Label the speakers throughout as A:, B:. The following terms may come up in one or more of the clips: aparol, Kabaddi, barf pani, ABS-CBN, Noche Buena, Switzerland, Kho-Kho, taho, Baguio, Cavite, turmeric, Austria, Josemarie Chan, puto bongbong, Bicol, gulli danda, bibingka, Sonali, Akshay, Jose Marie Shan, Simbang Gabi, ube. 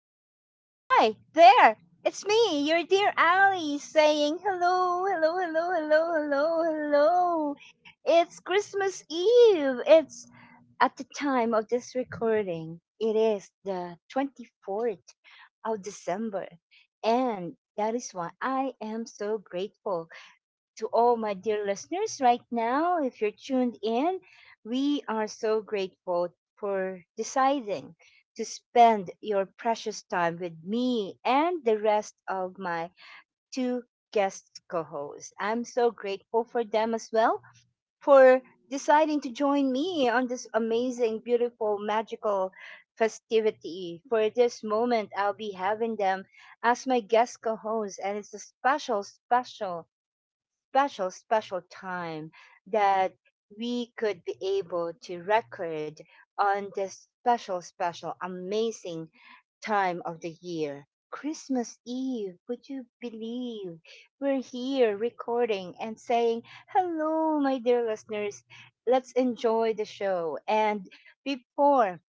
A: Oh, hi there. It's me, your dear Ali, saying hello, hello, hello, hello, hello, hello. It's Christmas Eve. It's at the time of this recording, it is the 24th of December. And that is why I am so grateful to all my dear listeners right now. If you're tuned in, we are so grateful for deciding to spend your precious time with me and the rest of my two guest co hosts. I'm so grateful for them as well for deciding to join me on this amazing, beautiful, magical festivity. For this moment, I'll be having them as my guest co hosts, and it's a special, special, special, special time that we could be able to record on this special, special, amazing time of the year. Christmas Eve, would you believe? We're here recording and saying, hello, my dear listeners. Let's enjoy the show. And before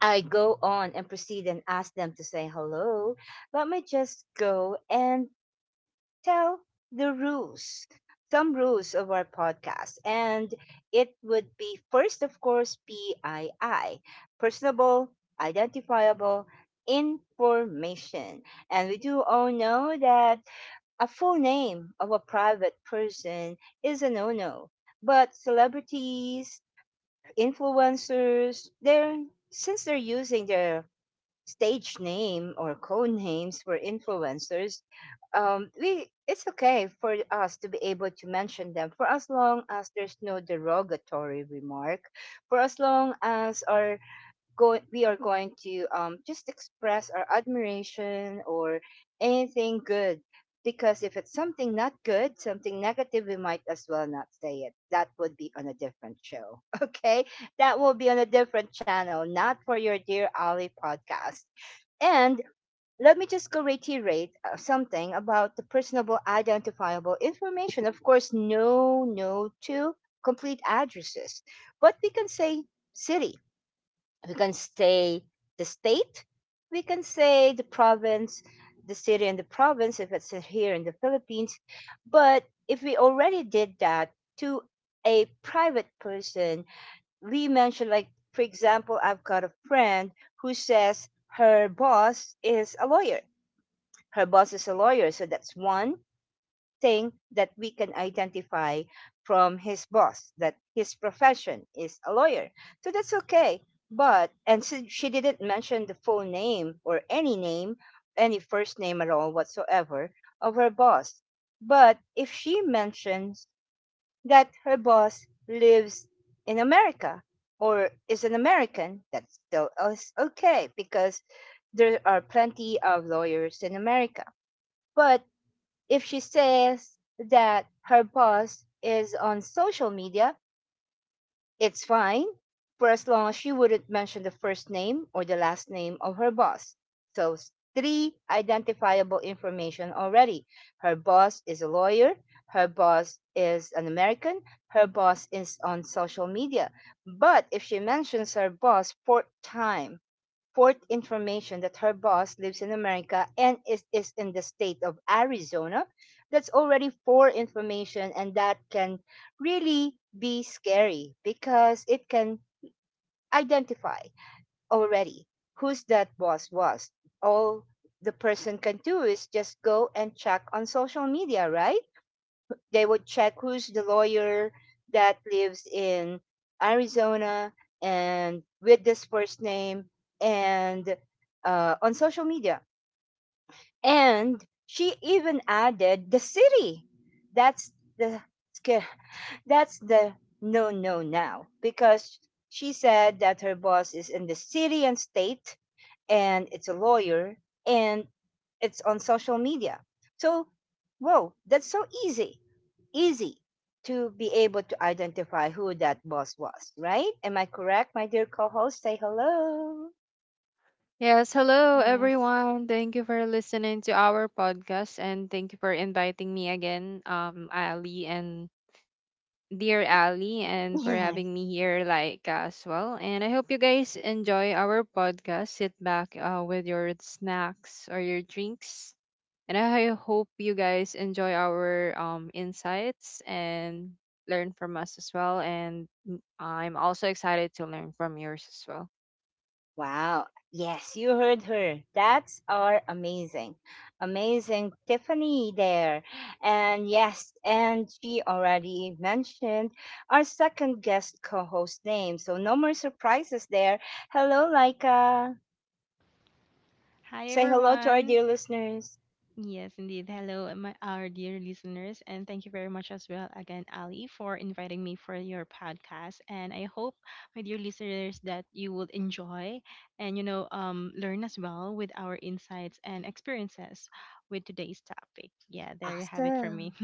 A: I go on and proceed and ask them to say hello, let me just go and tell the rules, some rules of our podcast. And it would be first, of course, PII, personable, identifiable information. And we do all know that a full name of a private person is a no no. But celebrities, influencers, they're since they're using their stage name or code names for influencers, we it's okay for us to be able to mention them for as long as there's no derogatory remark, for as long as our we are going to just express our admiration or anything good. Because if it's something not good, something negative, we might as well not say it. That would be on a different show. Okay? That will be on a different channel, not for your Dear Ali podcast. And let me just go reiterate something about the personable identifiable information. Of course, no, no to complete addresses, but we can say city, we can say the state, we can say the province, the city and the province if it's here in the Philippines. But if we already did that to a private person, Lee mentioned, like, for example, I've got a friend who says her boss is a lawyer. Her boss is a lawyer. So that's one thing that we can identify from his boss that his profession is a lawyer. So that's okay. But, and so she didn't mention the full name or any name, any first name at all whatsoever of her boss. But if she mentions that her boss lives in America or is an American, that's still is okay because there are plenty of lawyers in America. But if she says that her boss is on social media, it's fine, for as long as she wouldn't mention the first name or the last name of her boss. So, three identifiable information already. Her boss is a lawyer, her boss is an American, her boss is on social media. But if she mentions her boss fourth time, fourth information that her boss lives in America and is in the state of Arizona. That's already four information, and that can really be scary because it can identify already who's that boss was. All the person can do is just go and check on social media, right? They would check who's the lawyer that lives in Arizona and with this first name and on social media. And she even added the city. That's the sca- that's the no no now because she said that her boss is in the city and state and it's a lawyer and it's on social media. So whoa, that's so easy, easy to be able to identify who that boss was, right? Am I correct, my dear co host? Say hello.
B: Yes, hello
C: Yes.
B: everyone. Thank you for listening to our podcast and thank you for inviting me again, Ali and dear Ali, and for
A: Yes.
B: having me here like as well. And I hope you guys enjoy our podcast. Sit back with your snacks or your drinks. And I hope you guys enjoy our insights and learn from us as well. And I'm also excited to learn from yours as well.
A: Wow. Yes, you heard her. That's our amazing, amazing Tiffany there. And yes, and she already mentioned our second guest co host name. So no more surprises there. Hello, Laika.
C: Hi,
A: Say hello to our
C: everyone.
A: dear listeners.
C: Yes, indeed. Hello, our dear listeners. And thank you very much as well again, Ali, for inviting me for your podcast. And I hope, my dear listeners, that you will enjoy and, learn as well with our insights and experiences with today's topic. Yeah, there you have it for me.
A: Awesome.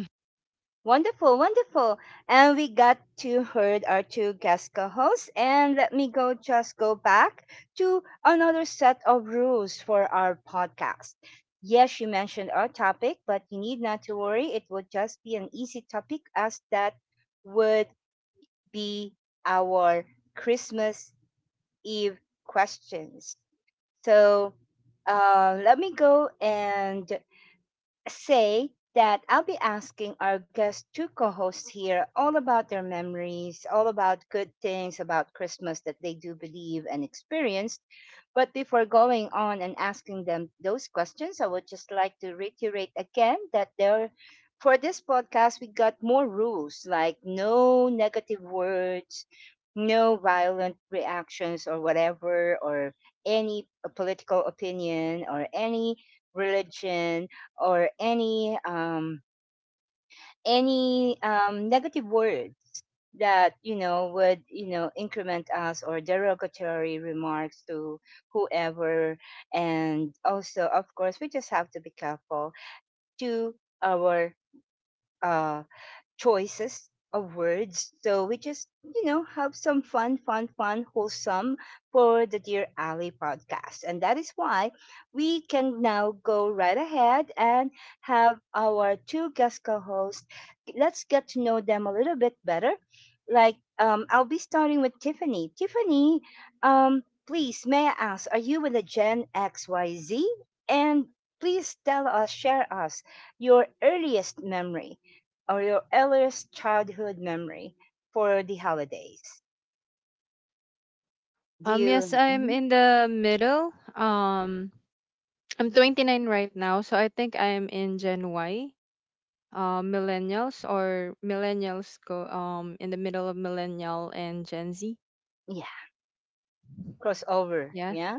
A: Wonderful, wonderful. And we got to heard our two guest co-hosts. And let me go just go back to another set of rules for our podcast. Yes, you mentioned our topic, but you need not to worry. It would just be an easy topic as that would be our Christmas Eve questions. So let me go and say that I'll be asking our guest two co hosts here all about their memories, all about good things about Christmas that they do believe and experience. But before going on and asking them those questions, I would just like to reiterate again that there for this podcast we got more rules like no negative words, no violent reactions or whatever or any political opinion or any religion or any negative words that you know would you know increment us or derogatory remarks to whoever, and also of course we just have to be careful to our uh choices of words. So we just, you know, have some fun, fun, fun, wholesome for the Dear Ally podcast. And that is why we can now go right ahead and have our two guest co hosts. Let's get to know them a little bit better. Like, I'll be starting with Tiffany. Tiffany, please, may I ask, are you with the Gen XYZ? And please tell us, share us your earliest memory or your earliest childhood memory for the holidays? Do
B: Yes,
A: you,
B: I'm
A: mhm,
B: in the middle. I'm 29 right now, so I think I'm in Gen Y, millennials or millennials go in the middle of millennial and Gen Z.
A: yeah, crossover,
B: Yeah,
A: yeah,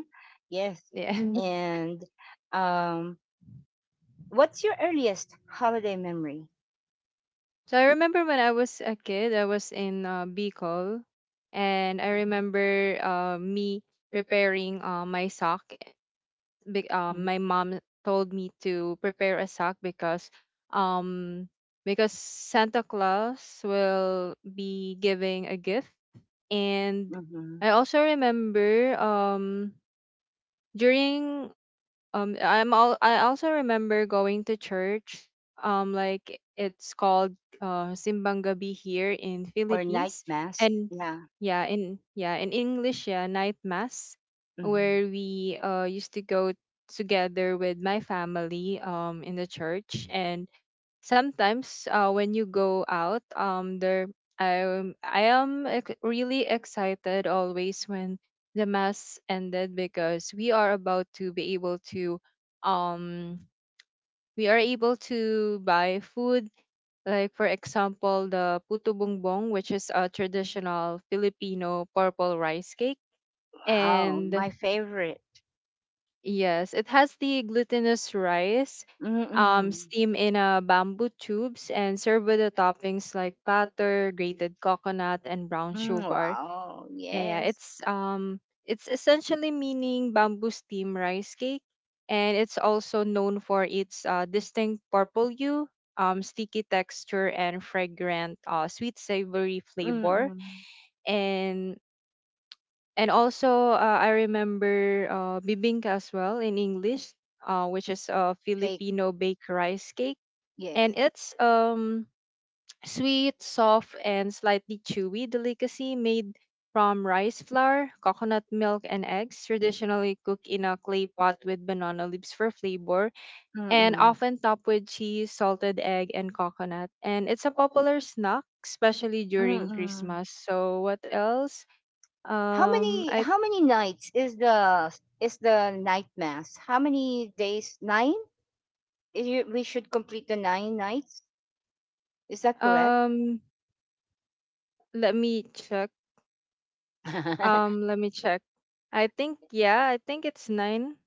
A: yes.
B: yes.
A: And um, what's your earliest holiday memory?
B: So I remember when I was a kid, I was in Bicol, and I remember me repairing my sock.
A: Mhm,
B: My mom told me to prepare a sack um because Santa Claus will be giving a gift. And
A: mhm.
B: I also remember during I'm all. I also remember going to church. Like, it's called Simbang Gabi here in
A: Or night
B: Philippines,
A: mass?
B: and
A: Yeah.
B: in English, yeah, night mass,
A: Mhm.
B: where we used to go together with my family in the church, and sometimes when you go out there I, really excited always when the mass ended because we are about to be able to um we are able to buy food, like, for example, the puto bongbong, which is a traditional filipino purple rice cake.
A: Wow,
B: And
A: my favorite.
B: yes, it has the glutinous rice,
A: Mm-mm.
B: steam in a bamboo tubes, and served with the toppings like butter, grated coconut, and brown
A: Mm,
B: sugar.
A: wow,
B: And yeah,
A: yes.
B: it's essentially meaning bamboo steam rice cake, and it's also known for its distinct purple hue, sticky texture, and fragrant sweet savory flavor.
A: Mm-mm.
B: And also, I remember bibingka as well in English, which is a
A: Take,
B: Filipino baked rice cake.
A: yes.
B: And it's sweet, soft, and slightly chewy delicacy made from rice flour, coconut milk, and eggs, traditionally cooked in a clay pot with banana leaves for flavor, and
A: Mm-mm.
B: often topped with cheese, salted egg, and coconut. And it's a popular snack, especially during
A: Mm-mm.
B: Christmas. So, what else?
A: How many
B: I
A: how many nights is the night mass? How many days? Nine? We should complete the nine nights. Is that correct?
B: Um, Let me check. Let me check. I think yeah, I think it's nine.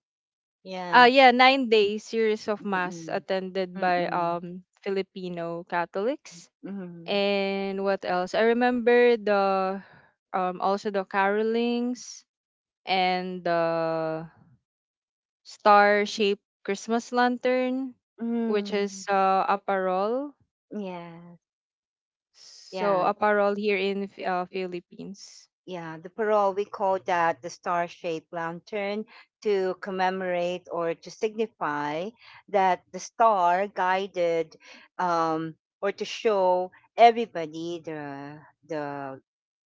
A: Yeah.
B: Yeah, 9 day series of mass
A: Mm-mm.
B: attended by
A: Mm-mm.
B: Filipino Catholics.
A: Mm-hmm.
B: And what else? I remember the also the carolings and the star shaped Christmas lantern, which
A: Mm.
B: is aparol.
A: Yes.
B: So
A: Yeah.
B: aparol here in Philippines.
A: Yeah, the parole, we call that the star shaped lantern to commemorate or to signify that the star guided um, or to show everybody the,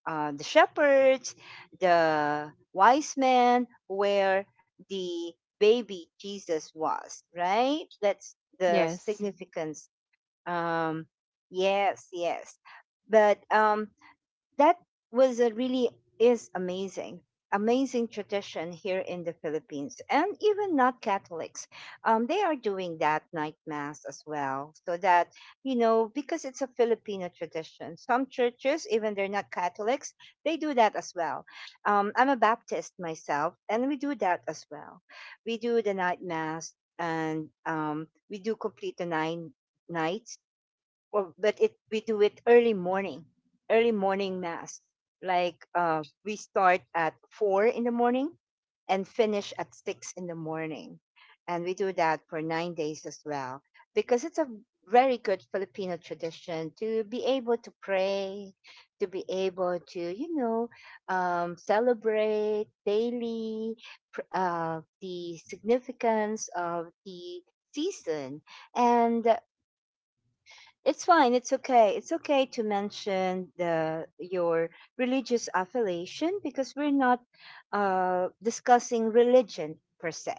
A: the shepherds, the wise men, where the baby Jesus was, right? That's the
B: Yes.
A: significance. Um, yes, yes. But that was a really is amazing, amazing tradition here in the Philippines and even not Catholics, they are doing that night mass as well so that you know because it's a Filipino tradition some churches even they're not Catholics they do that as well. I'm a Baptist myself and we do that as well. We do the night mass and we do complete the nine nights, well, but it we do it early morning mass. Like we start at 4 in the morning and finish at 6 in the morning, and we do that for 9 days as well because it's a very good Filipino tradition to be able to pray, to be able to you know celebrate daily the significance of the season. And it's fine. It's okay. It's okay to mention the your religious affiliation because we're not discussing religion per se.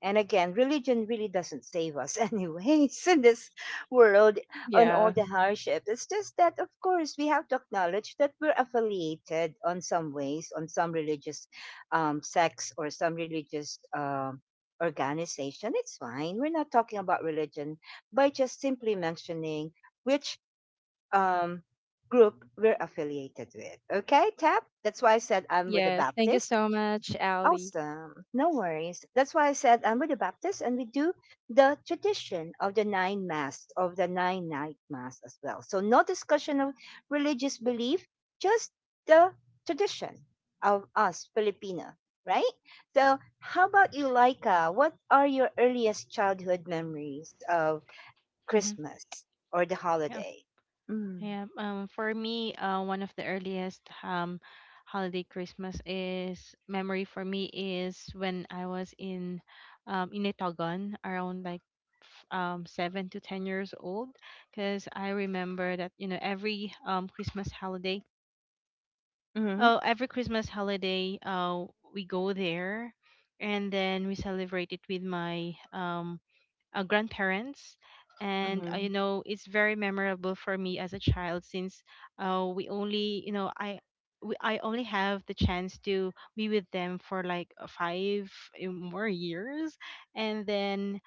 A: And again, religion really doesn't save us, anyways, in this world on all
B: Yeah.
A: the hardship. It's just that, of course, we have to acknowledge that we're affiliated on some ways, on some religious sects or some religious. Organization, it's fine, we're not talking about religion by just simply mentioning which um, group we're affiliated with. Okay, Tap? That's why I said I'm with the
B: Yes. Thank you
A: Baptist.
B: so much, Ali.
A: Awesome. No worries. That's why I said I'm with the Baptist, and we do the tradition of the nine mass, of the nine night mass as well. So, no discussion of religious belief, just the tradition of us, Filipino, right? So, how about you, Laika? What are your earliest childhood memories of Christmas or the holiday? Mm. Mhm, mhm,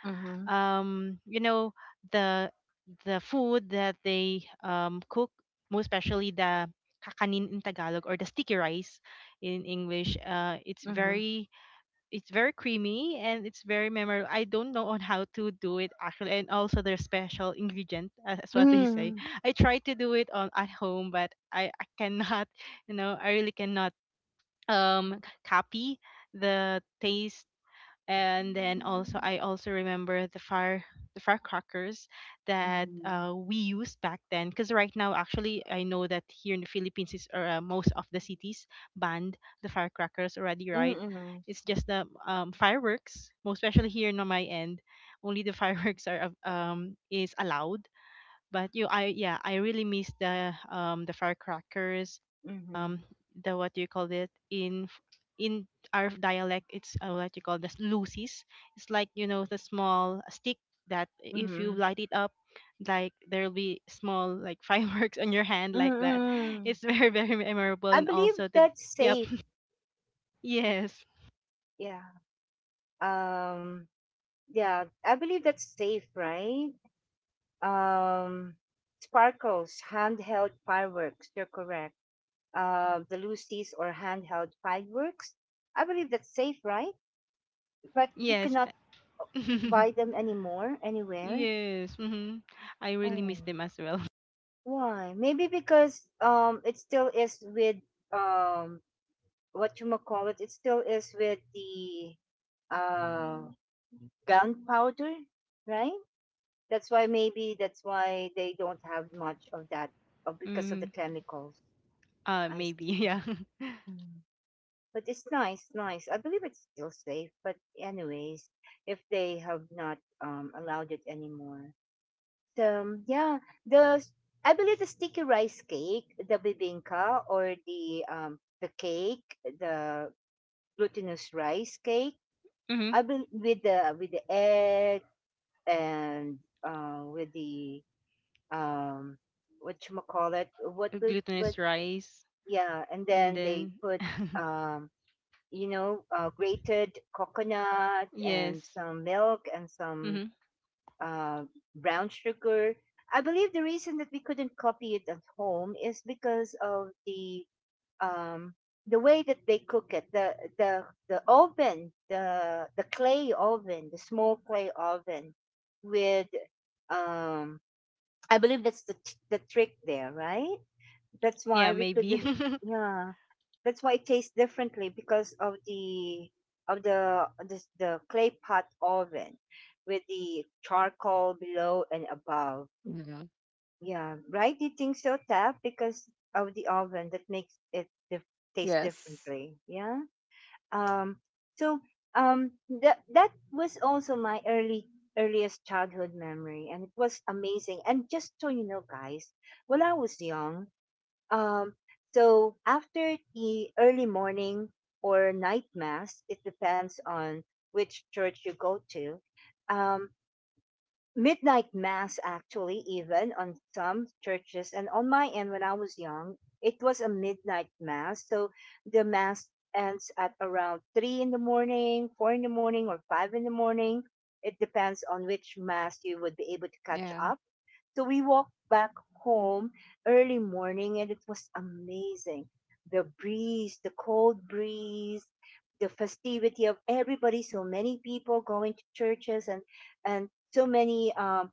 A: mhm, mhm. Hmm. Hmm. Hmm. Mhm, mhm, mhm, mm. I believe that's safe. Yeah. Um yeah, I believe that's safe, right? Um, sparkles, handheld fireworks, you're correct. Uh, the Lucy's or handheld fireworks. I believe that's safe, right? But you cannot buy them anymore anywhere. Oh. Why? Maybe because it still is with um what you call it. It still is with the uh gunpowder, right? That's why maybe that's why they don't have much of that because of the chemicals. I see. Mm. But it's nice, nice. I believe it's still safe. But anyways, if they have not allowed it anymore, yeah, the s- I believe the sticky rice cake, the bibinka, or the cake, the glutinous rice cake. I bel with the egg and with the um, what you call it? What would what? Yeah, and then they put um, you know, grated coconut and some milk and some uh, brown sugar. I believe the reason that we couldn't copy it at home is because of um, the way that they cook it, the oven, the clay oven, the small clay oven, with um, I believe that's the the trick there, right? That's why we couldn't. Yeah, that's why it tastes differently because of the clay pot oven with the charcoal below and above.
B: Yeah.
A: Yeah, right. You think so, Tap? Because of the oven that makes it taste
B: Yes.
A: differently. Yeah. Um. So um that that was also my early earliest childhood memory, and it was amazing. And just so you know, guys, when I was young, um, so after the early morning or night mass, it depends on which church you go to. Um, Midnight mass, actually, even on some churches, and on my end when I was young, it was a midnight mass. So the mass ends at around three in the morning, four in the morning, or five in the morning. It depends on which mass you would be able to catch
B: Yeah.
A: up, so we walked back home early morning and it was amazing. The breeze, the cold breeze, the festivity of everybody, so many people going to churches and and so many um,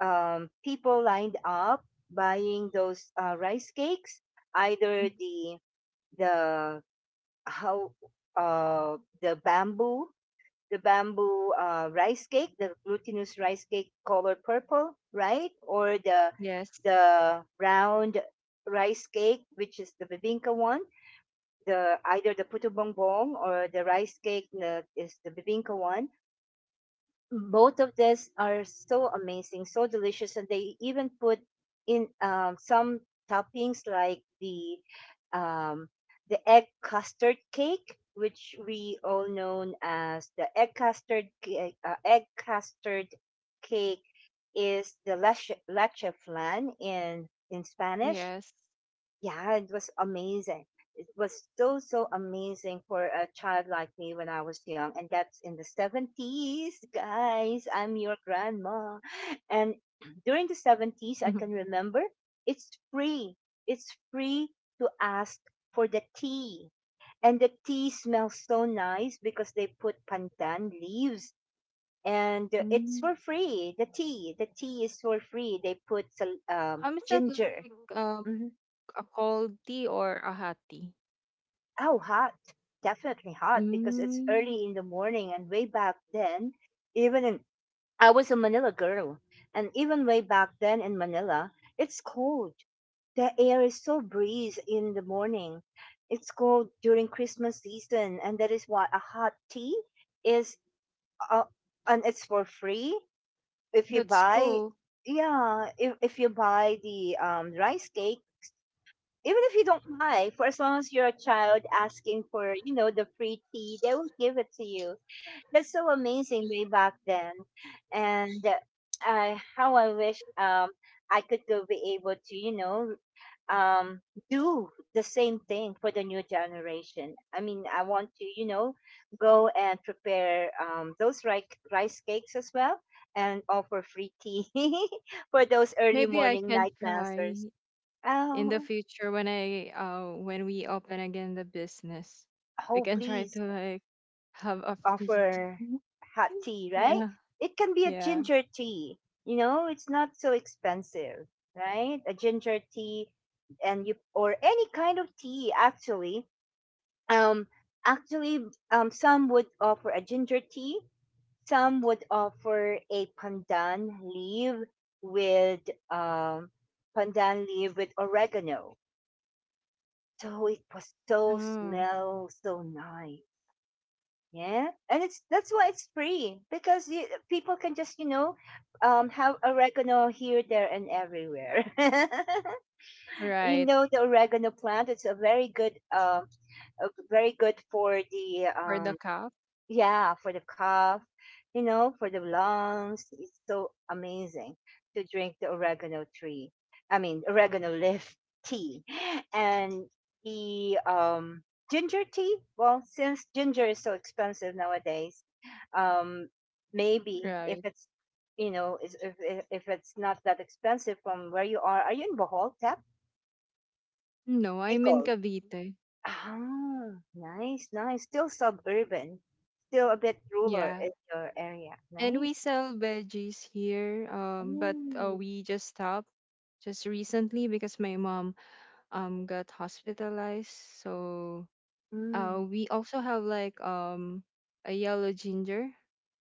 A: um, people lined up buying those rice cakes, either
B: Mhm.
A: the how the bamboo rice cake, the glutinous rice cake color purple, right? Or
B: Yes.
A: the round rice cake, which is the bibingka one, the either the puto bongbong or the rice cake na, is the bibingka one. Both of these are so amazing, so delicious, and they even put in some toppings like um, the egg custard cake, which we all know as the egg custard cake. Egg custard cake is the leche flan in Spanish.
B: Yes.
A: Yeah, it was amazing. It was so, so amazing for a child like me when I was young. And that's in the 70s, guys. I'm your grandma. And during the 70s, I
B: Mhm.
A: can remember it's free. It's free to ask for the tea. And the tea smells so nice because they put pandan leaves and it's
B: Mm.
A: for free. The tea is for free. They put
B: Is that
A: ginger.
B: like
A: Mm-hmm.
B: a cold tea or a hot tea?
A: Oh, hot. Definitely hot because it's
B: Mm,
A: early in the morning. And way back then, even in, I was a Manila girl. And even way back then in Manila, it's cold. The air is so breeze in the morning. It's cold during Christmas season. And that is why a hot tea is, uh, and it's for free if you
B: that's
A: buy.
B: cool.
A: Yeah, if you buy the rice cake, even if you don't buy, for as long as you're a child asking for, you know, the free tea, they will give it to you. That's so amazing way back then. And how I wish, I could go be able to, you know, um, do the same thing for the new generation. I mean, I want to, you know, go and prepare, those rice cakes as well and offer free tea for those early
B: Maybe I
A: morning
B: can
A: night
B: try
A: masters.
B: in the
A: Oh,
B: future when I when we open again the business. We
A: oh,
B: can try to,
A: please.
B: like, have a free tea.
A: Offer hot tea, right?
B: Yeah.
A: It can be a
B: Yeah.
A: ginger tea. You know, it's not so expensive, right? A ginger tea and you or any kind of tea actually. Um actually, some would offer a ginger tea, some would offer a pandan leaf with um pandan leaf with oregano. So it was so
B: Oh,
A: smell so nice. Yeah, and it's that's why it's free because people can just, you know, have oregano here, there, and everywhere. You
B: right.
A: know, the oregano plant, it's a very good, very good for the
B: For the
A: um
B: cup.
A: yeah, for the cough, you know, for the lungs. It's so amazing to drink the oregano tree. I mean, oregano leaf tea. And the ginger tea. Well, since ginger is so expensive nowadays, um, maybe if
B: Right.
A: it's, you know, if it's not that expensive from where you are you in Bohol, Tap?
B: No, I'm in
A: Bicol.
B: Cavite.
A: Ah, nice, nice. Still suburban, still a bit rural
B: Yeah.
A: in your area.
B: And
A: Nice.
B: we sell veggies here, but
A: Mm,
B: we just stopped just recently because my mom got hospitalized. So
A: mm,
B: we also have like a yellow ginger.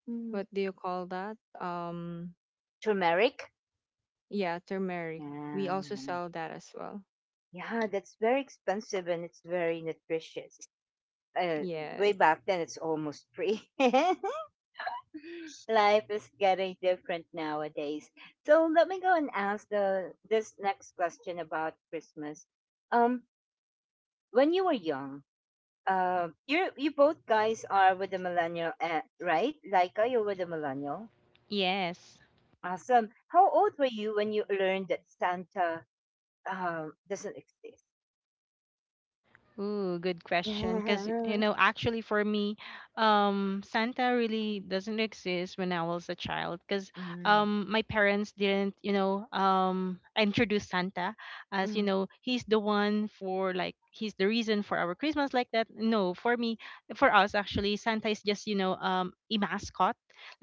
A: mm.
B: What do you call that?
A: Turmeric?
B: Yeah, turmeric. We also
A: Yeah,
B: sell that as well.
A: yeah, that's very expensive and it's very nutritious. Uh, Way
B: Yes.
A: back then, it's almost free. Life is getting different nowadays. So let me go and ask the this next question about Christmas. Um, when you were young, you both guys are with the millennial, right? Laika, you're with the millennial. Awesome. How old were you when you learned that Santa, doesn't exist? Yeah. Mm, mm,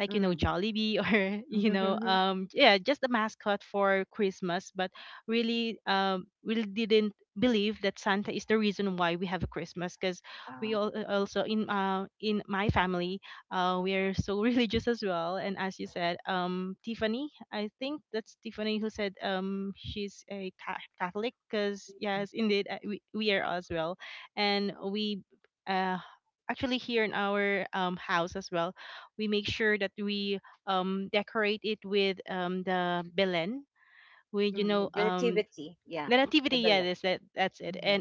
A: mm. Ah, mm, mm. The nativity, yeah, the Belen. Mhm,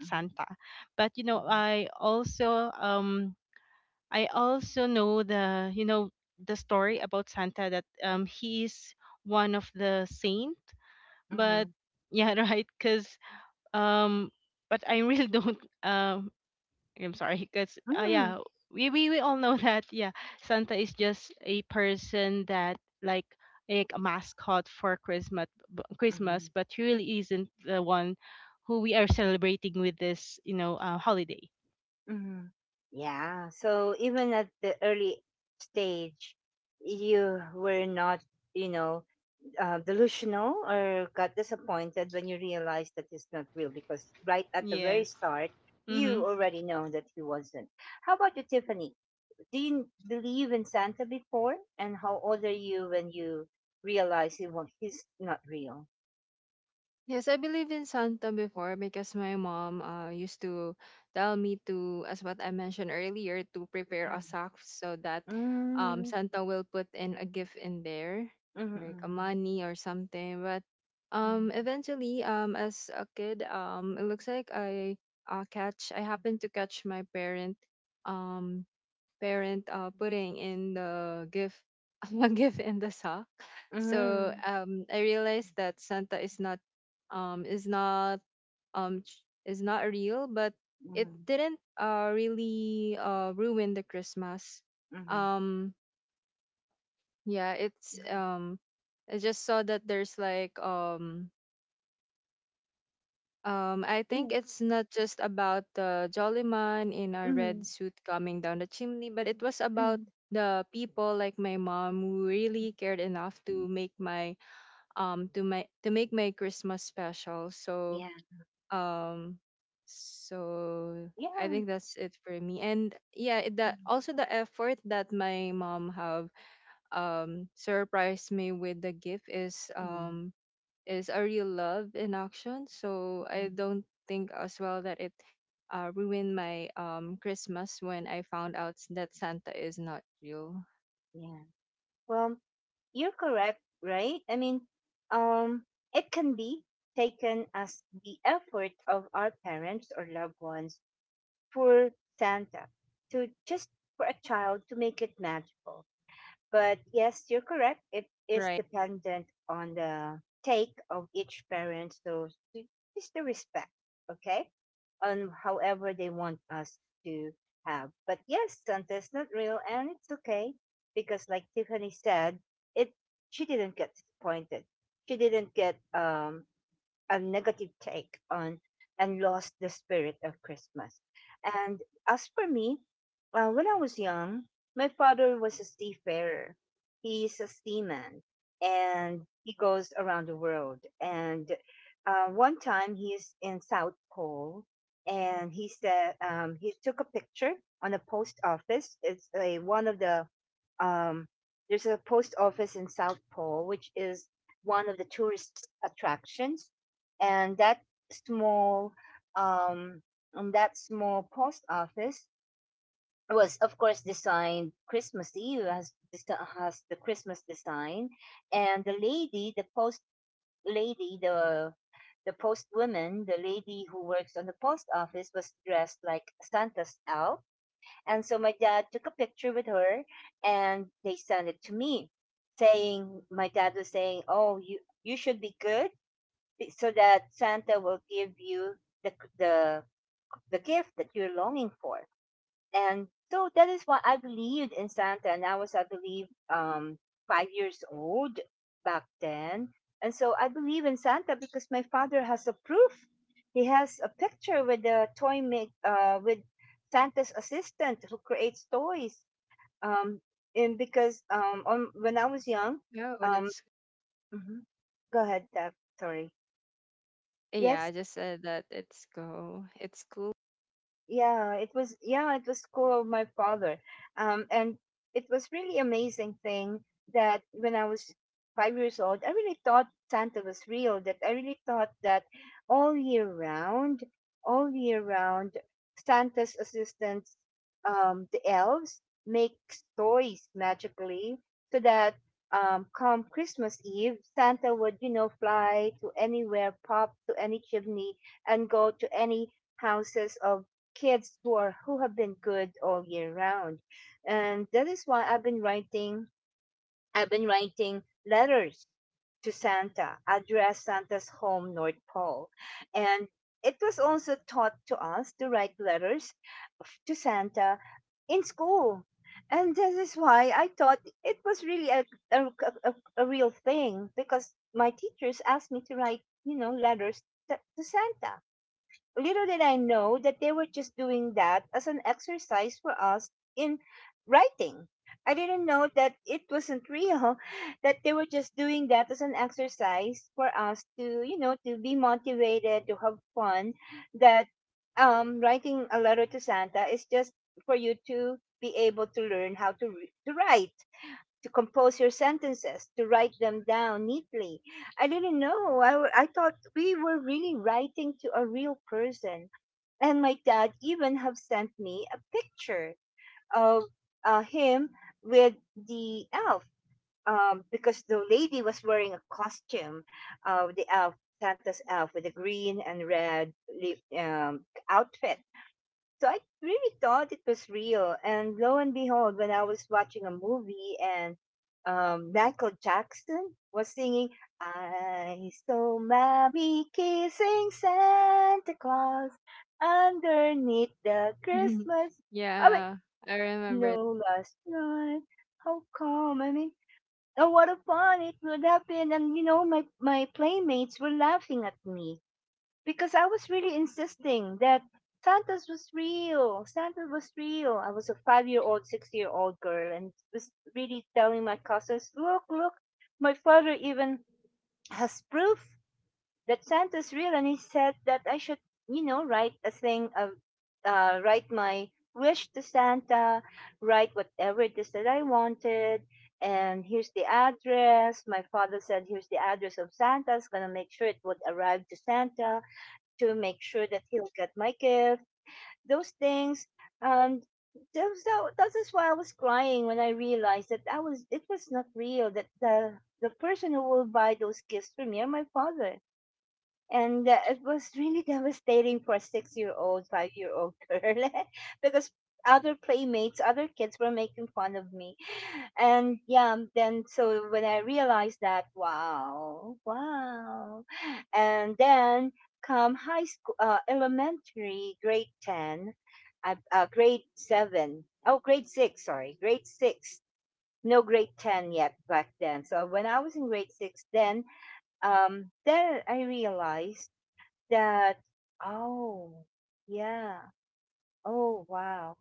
A: mhm, mhm, mhm, mhm, mhm, mhm. Yeah. So even at the early stage, you were not, you know, delusional or got disappointed when you realize that it's not real because right at the very start you already know that he wasn't. How about you, Tiffany? Do you believe in Santa before, and how old are you when you realize he was, he's not real?
B: Yes, I believe in Santa before because my mom used to tell me to, as what I mentioned earlier, to prepare a sack
A: Mm-hmm.
B: so that
A: Mm-hmm.
B: Santa will put in a gift in there, like a
A: Mm,
B: money or something. But eventually, as a kid, it looks like I happened to catch my um, parent putting in the gift a gift in the sock. So
A: mm.
B: I realized that Santa is not ch- is not real, but it
A: Mm,
B: didn't really ruin the Christmas. Um yeah, it's I just saw that there's like I think it's not just about the jolly man in
A: mm,
B: a
A: mm. Mm.
B: red suit coming down the chimney, but it was about
A: Mm.
B: the people like my mom who really cared enough to make my to make my Christmas special. So
A: Yeah.
B: um so I
A: Yeah.
B: think that's it for me. And yeah,
A: Mm,
B: the also the effort that my mom have surprised me with the gift
A: mm,
B: is a real love in action. So I
A: mm.
B: don't think as well that it ruined my Christmas when I found out that Santa is not real.
A: Yeah. Well, you're correct, right? I mean, um, it can be taken as the effort of our parents or loved ones for Santa to just, for a child, to make it magical. But yes, you're correct. It is
B: Right.
A: dependent on the take of each parent. So to- just the respect, okay? On however they want us to have. But yes, Santa is not real and it's okay because like Tiffany said, it she didn't get disappointed. She didn't get, a negative take on, and lost the spirit of Christmas. And as for me, when I was young, my father was a seafarer. He's a seaman and he goes around the world. And one time he's in South Pole and he said, he took a picture on a post office. It's a, one of the, um, there's a post office in South Pole, which is one of the tourist attractions and small um that small post office was, of course, designed Christmas Eve, has the Christmas design, and the lady the post woman, the lady who works on the post office, was dressed like Santa's elf, and so my dad took a picture with her and they sent it to me, saying, my dad was saying, oh, you should be good, so that Santa will give you the the the gift that you're longing for. And so that is why I believed in Santa, and I was, I believe, 5 years old back then. And so I believe in Santa because my father has a proof. He has a picture with the toy make with Santa's assistant who creates toys. Um, and because, when I was young,
B: No, but
A: um,
B: it's
A: mhm. Go ahead, Deb. Sorry.
B: yeah. I
A: Yes.
B: just said that it's go. It's cool.
A: Yeah, it was cool of my father. And It was really amazing thing that when I was 5 years old, I really thought Santa was real, that I really thought that all year round, all year round, Santa's assistants, the elves, make toys magically so that, come Christmas Eve, Santa would, you know, fly to anywhere, pop to any chimney, and go to any houses of kids who are who have been good all year round. And that is why I've been writing, I've been writing letters to Santa, address Santa's home, North Pole. And it was also taught to us to write letters to Santa in school. And this is why I thought it was really a, a real thing because my teachers asked me to write, you know, letters to Santa. Little did I know that they were just doing that as an exercise for us in writing. I didn't know that it wasn't real, that they were just doing that as an exercise for us to, you know, to be motivated, to have fun, that, writing a letter to Santa is just for you to be able to learn how to, to write, to compose your sentences, to write them down neatly. I didn't know. I thought we were really writing to a real person. And my dad even have sent me a picture of, him with the elf, because the lady was wearing a costume of the elf, Santa's elf, with a green and red, outfit. So I really thought it was real. And lo and behold, when I was watching a movie and, Michael Jackson was singing, I saw mommy kissing Santa Claus underneath the Christmas. I went,
B: Yeah, I remember.
A: no, last night, how calm. I mean, oh, what a fun it would have been. And, you know, my playmates were laughing at me because I was really insisting that Santa's was real. Santa was real. I was a 5 year old, 6 year old girl and was really telling my cousins, look, look, my father even has proof that Santa's real. And he said that I should, you know, write a thing, write my wish to Santa, write whatever it is that I wanted. And here's the address. My father said, here's the address of Santa. It's going to make sure it would arrive to Santa to make sure that he'll get my gift, those things. And those, that is why I was crying when I realized that I was it was not real, that the person who will buy those gifts for me are my father and it was really devastating for a six-year-old, five-year-old girl because other playmates, other kids were making fun of me. And yeah, then so when I realized that, wow, wow. And then come high school, elementary, grade 10, I, grade 7, oh, grade 6, sorry, grade 6. No grade 10 yet back then. So when I was in grade 6, then I realized that, oh, yeah, oh, wow,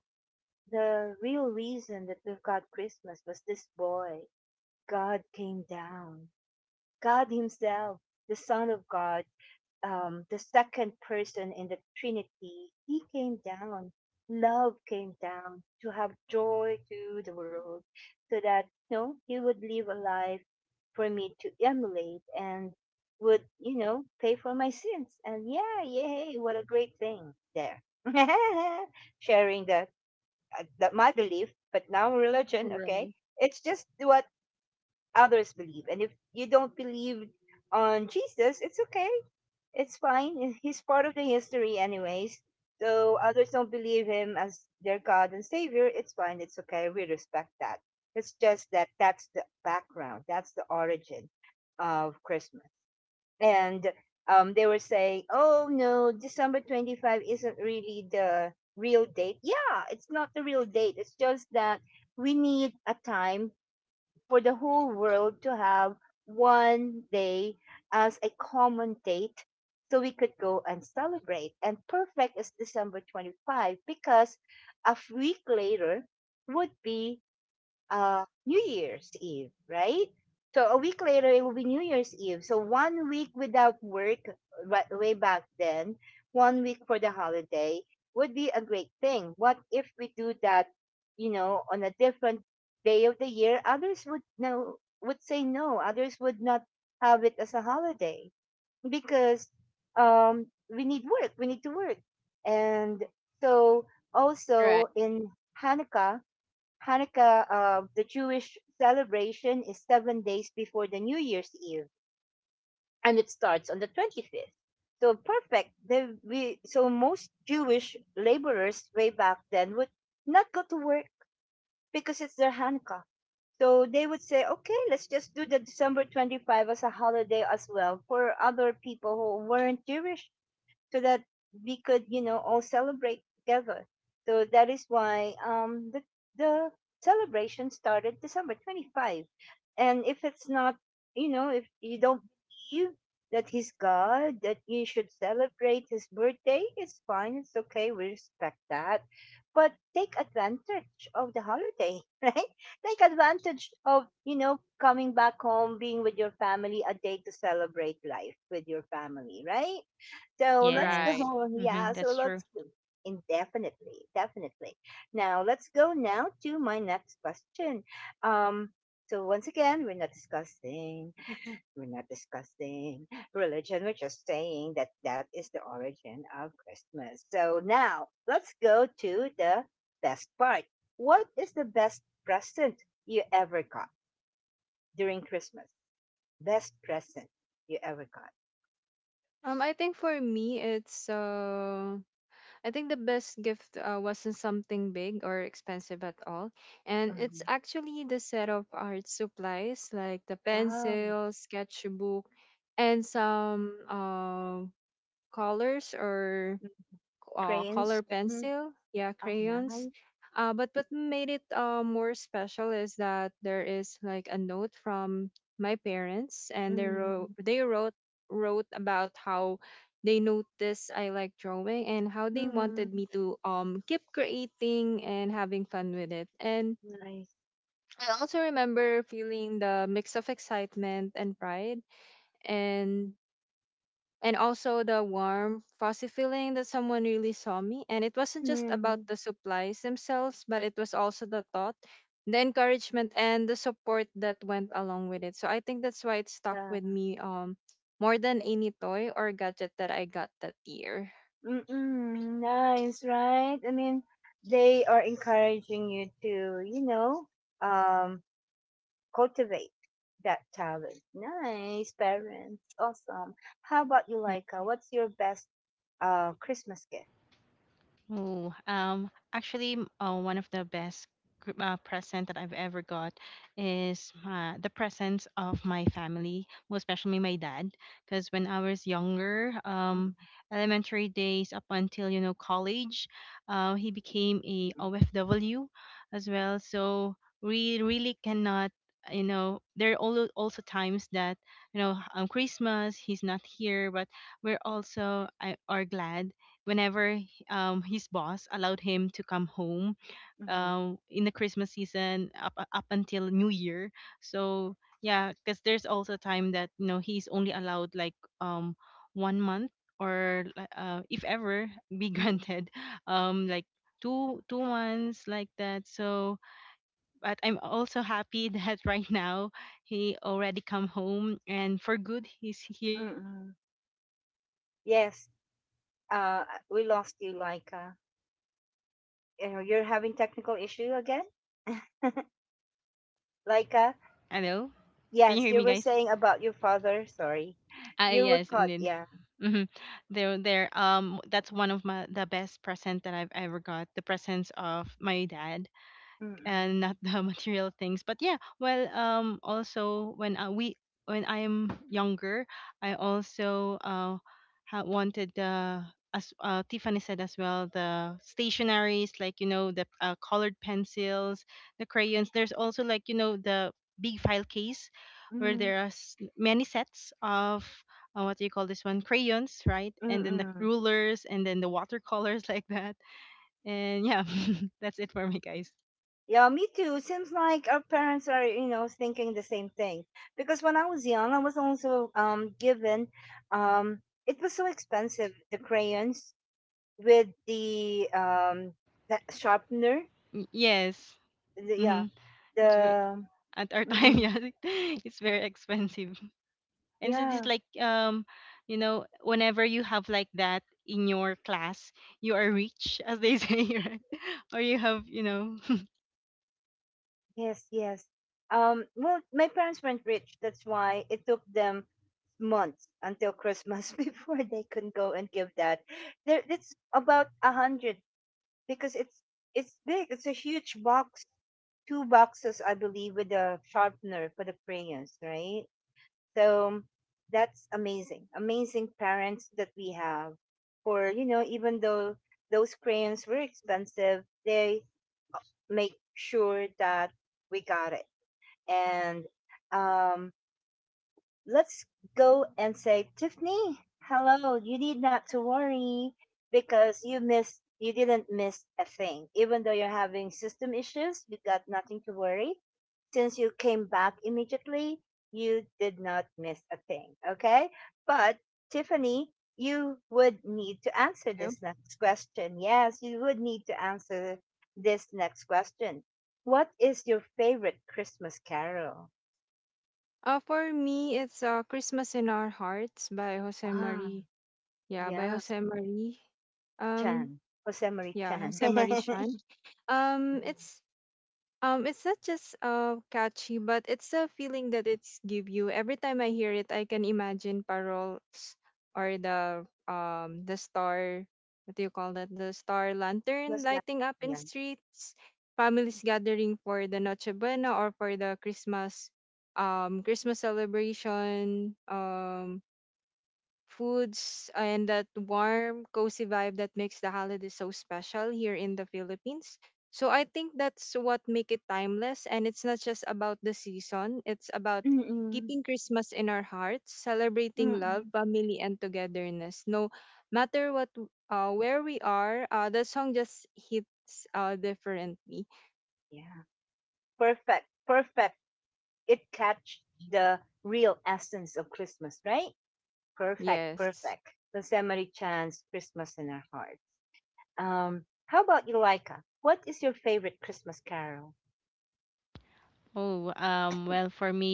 A: the real reason that we've got Christmas was this boy, God came down, God himself, the son of God, the second person in the Trinity, he came down. Love came down to have joy to the world so that, you know, he would live a life for me to emulate and would, you know, pay for my sins. And yeah, yay, what a great thing there. Sharing my belief, but now religion, okay?
B: Right.
A: It's just what others believe. And if you don't believe on Jesus, it's okay. It's fine. He's part of the history, anyways. So others don't believe him as their God and Savior. It's fine. It's okay. We respect that. It's just that that's the background. That's the origin of Christmas. And they were saying, oh no, December 25 isn't really the real date. Yeah, it's not the real date. It's just that we need a time for the whole world to have one day as a common date so we could go and celebrate. And perfect is December 25 because a week later would be New Year's Eve, right? So a week later, it will be New Year's Eve. So one week without work, right, way back then, one week for the holiday would be a great thing. What if we do that, you know, on a different day of the year? Others would no, would say no. Others would not have it as a holiday because um, we need work. We need to work, and so
B: Right.
A: also in Hanukkah Hanukkah, the Jewish celebration, is 7 days before the New Year's Eve, and it starts on the 25th. So perfect. They, we, so most Jewish laborers way back then would not go to work because it's their Hanukkah. So they would say, okay, let's just do the December 25 as a holiday as well for other people who weren't Jewish so that we could, you know, all celebrate together. So that is why the celebration started December 25. And if it's not, you know, if you don't believe that he's God, that you should celebrate his birthday, it's fine, it's okay, we respect that. But take advantage of the holiday, right? Take advantage of, you know, coming back home, being with your family, a day to celebrate life with your family, right? So let's
B: Right.
A: go. Yeah, so let's go indefinitely, definitely. Now let's go now to my next question. Um, so once again, we're not discussing religion. We're just saying that that is the origin of Christmas. So now let's go to the best part. What is the best present you ever got during Christmas? Best present you ever got?
B: I think for me, it's. I think the best gift wasn't something big or expensive at all. And it's
A: Mhm.
B: actually the set of art supplies like the
A: Wow.
B: pencil, sketchbook, and some colors or
A: Mm-hmm.
B: color
A: Cranes. Mm-hmm.
B: pencil, yeah,
A: Oh,
B: crayons.
A: nice.
B: But what made it more special is that there is like a note from my parents, and they
A: Mm.
B: wrote about how they noticed I like drawing and how they
A: Mm,
B: wanted me to keep creating and having fun with it. And
A: nice.
B: I also remember feeling the mix of excitement and pride, and also the warm, fuzzy feeling that someone really saw me. And it wasn't just about
A: Mm,
B: the supplies themselves, but it was also the thought, the encouragement, and the support that went along with it. So I think that's why it stuck with
A: yeah.
B: me more than any toy or gadget that I got that year.
A: Mm-mm, nice, right? I mean, they are encouraging you to, you know, um, cultivate that talent. Nice, parents. Awesome. How about you, Laika? What's your best Christmas gift? Mm-mm, mm-mm, mm-mm, mm-mm, mm-mm. Yes. Uh, we lost you, Laika. You know, you're having technical issue again, Laika. Yes, you were saying about your father. Sorry, you were caught. Yeah. Mm-mm. Mm. Mm-mm. Yeah, me too. Seems like our parents are, you know, thinking the same thing. Because when I was young, I was also given um it was so expensive the crayons with the sharpener. The, yeah, the, mm-mm, yeah. Yes, yes. Well, my parents weren't rich. That's why it took them months until Christmas before they could go and give that. There, it's about a hundred because it's big. It's a huge box, two boxes, I believe, with a sharpener for the crayons, right? So that's amazing, amazing parents that we have. For you know, even though those crayons were expensive, they make sure that we got it and um, let's go and say, Tiffany, hello. You need not to worry because you didn't miss a thing. Even though you're having system issues, you got nothing to worry. Since you came back immediately, you did not miss a thing. Okay, but Tiffany. You would need to answer
B: You.
A: this next question. Yes, you would need to answer this next question. What is your favorite Christmas carol?
B: For me, it's Christmas in Our Hearts by Jose
A: Ah,
B: Marie. Yeah, by
A: yes,
B: Jose Marie. Um,
A: Chan. Josemarie
B: yeah,
A: Chan.
B: Jose Marie Shan. Um,
A: Mhm.
B: it's it's not just catchy, but it's a feeling that it's give you. Every time I hear it, I can imagine parols or the star, what do you call that? The star lantern
A: Christmas last
B: lighting up in
A: year.
B: streets, families gathering for the Noche Buena or for the Christmas, Christmas celebration. Foods, and that warm, cozy vibe that makes the holiday so special here in the Philippines. So I think that's what make it timeless and it's not just about the season, it's about
A: Mm-mm.
B: keeping Christmas in our hearts, celebrating love,
A: Mm-mm.
B: family and togetherness. No matter what where we are, the song just hits differently.
A: Yeah. Perfect. Perfect. It catch the real essence of Christmas, right? Perfect.
B: Yes.
A: Perfect. Josemarie Chan's Christmas in our heart. How about you, Laika? What is your favorite Christmas carol?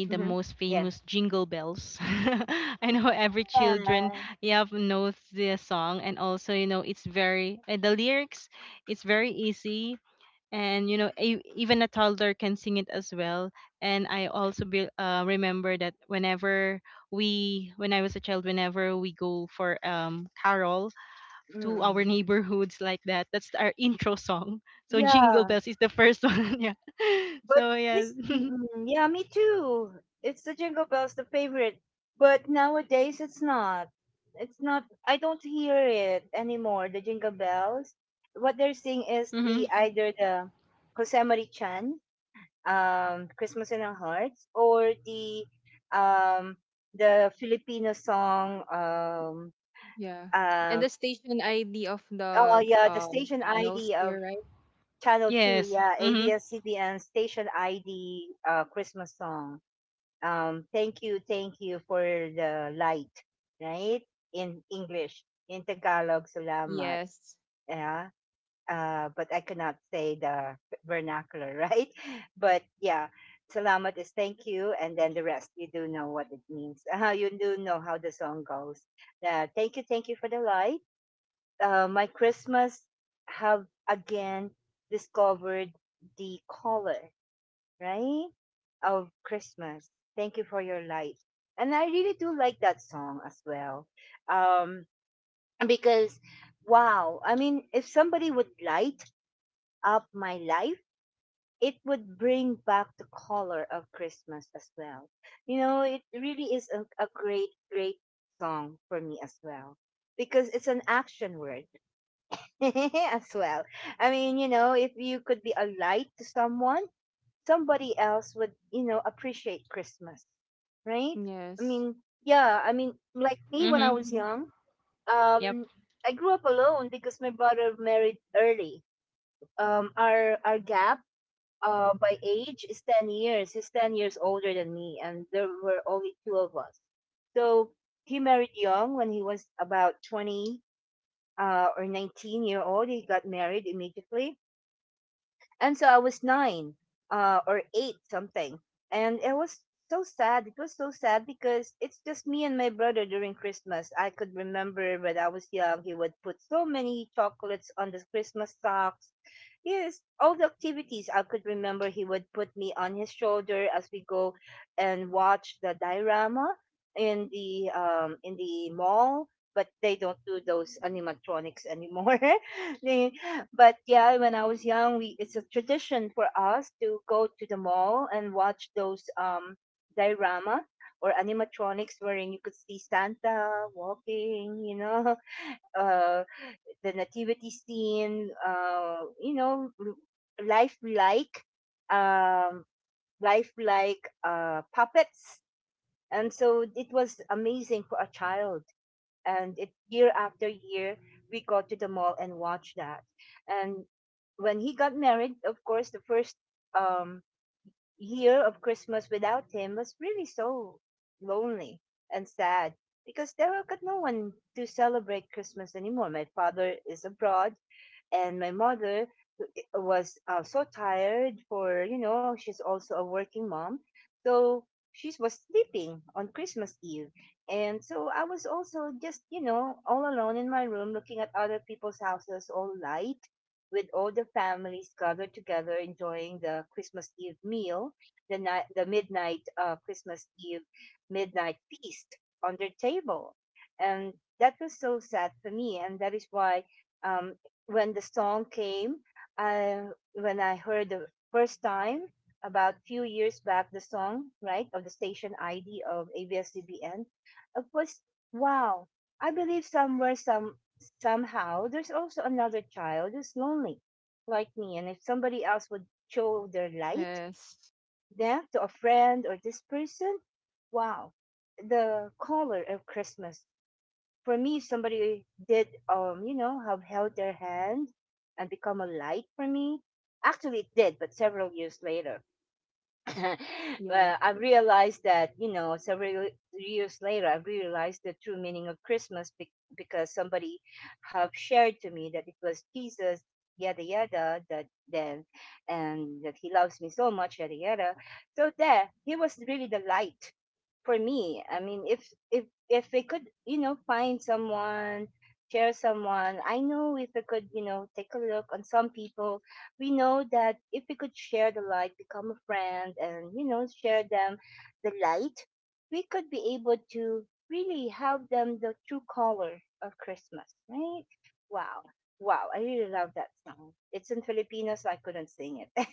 A: Mm-hmm. Yeah. Yeah. Mm-mm. Yeah. But this, mm, yeah, me too. It's the Jingle Bells, the favorite. But nowadays, it's not. It's not. I don't hear it anymore. The Jingle Bells. What they're seeing is the either the Kosemari Chan, Christmas in Our Hearts, or um the Filipino song.
B: Yeah. And
A: Um.
B: the station ID of
A: Oh
B: the
A: yeah, the station
B: panels
A: ID of
B: here, right?
A: Channel Two. Yeah, ABS-CBN station ID. Christmas song thank you for the light, right? In English, in Tagalog, salamat.
B: Yes.
A: Yeah. But I cannot say the vernacular, right? But yeah, salamat is thank you, and then the rest you do know what it means. You do know how the song goes. Thank you for the light. My Christmas have again discovered the color, right? Of Christmas. Thank you for your light. And I really do like that song as well. Um, because, wow, I mean, if somebody would light up my life, it would bring back the color of Christmas as well. You know, it really is a great, great song for me as well. Because it's an action word as well. I mean, you know, if you could be a light to someone, somebody else would you know appreciate Christmas, right? I
B: Yes.
A: mean, yeah, I mean, like me when I was young, um I grew up alone because my brother married early. Our gap by age is 10 years. He's 10 years older than me, and there were only two of us. So he married young when he was about 20, or 19-year old. He got married immediately, and so I was nine, or eight something. And it was so sad. It was so sad because it's just me and my brother during Christmas. I could remember when I was young, he would put so many chocolates on the Christmas socks. Yes, all the activities. I could remember he would put me on his shoulder as we go and watch the diorama in the mall, but they don't do those animatronics anymore. They- but yeah, when I was young, we it's a tradition for us to go to the mall and watch those diorama or animatronics wherein you could see Santa walking, you know, uh the nativity scene, you know, lifelike, um, lifelike puppets. And so it was amazing for a child. And it, year after year, we go to the mall and watch that. And when he got married, of course, the first um, year of Christmas without him was really so lonely and sad because there got no one to celebrate Christmas anymore. My father is abroad, and my mother was so tired for you know she's also a working mom, so she was sleeping on Christmas Eve. And so I was also, just, you know, all alone in my room, looking at other people's houses all light, with all the families gathered together enjoying the Christmas Eve meal, the night, the midnight, Christmas Eve midnight feast on their table. And that was so sad for me, and that is why um, when the song came, I when I heard the first time, about few years back, the song, right, of the station ID of ABS-CBN, it was wow. I believe somewhere somehow there's also another child who's lonely like me, and if somebody else would show their light,
B: Yes.
A: yeah, to a friend or this person. Wow, the color of Christmas. For me, if somebody did, have held their hand and become a light for me. Actually, it did, but several years later.
B: Yes.
A: Well, I realized that, you know, several years later, I realized the true meaning of Christmas because somebody have shared to me that it was Jesus, yada yada, that then, and that he loves me so much, yada yada. So there, he was really the light for me. I mean, if we could, you know, find someone, share someone, I know if we could, you know, take a look on some people we know that if we could share the light, become a friend, and you know, share them the light, we could be able to really help them the true color of Christmas, right? Wow. Wow, I really love that song. It's in Filipino, so I couldn't sing it.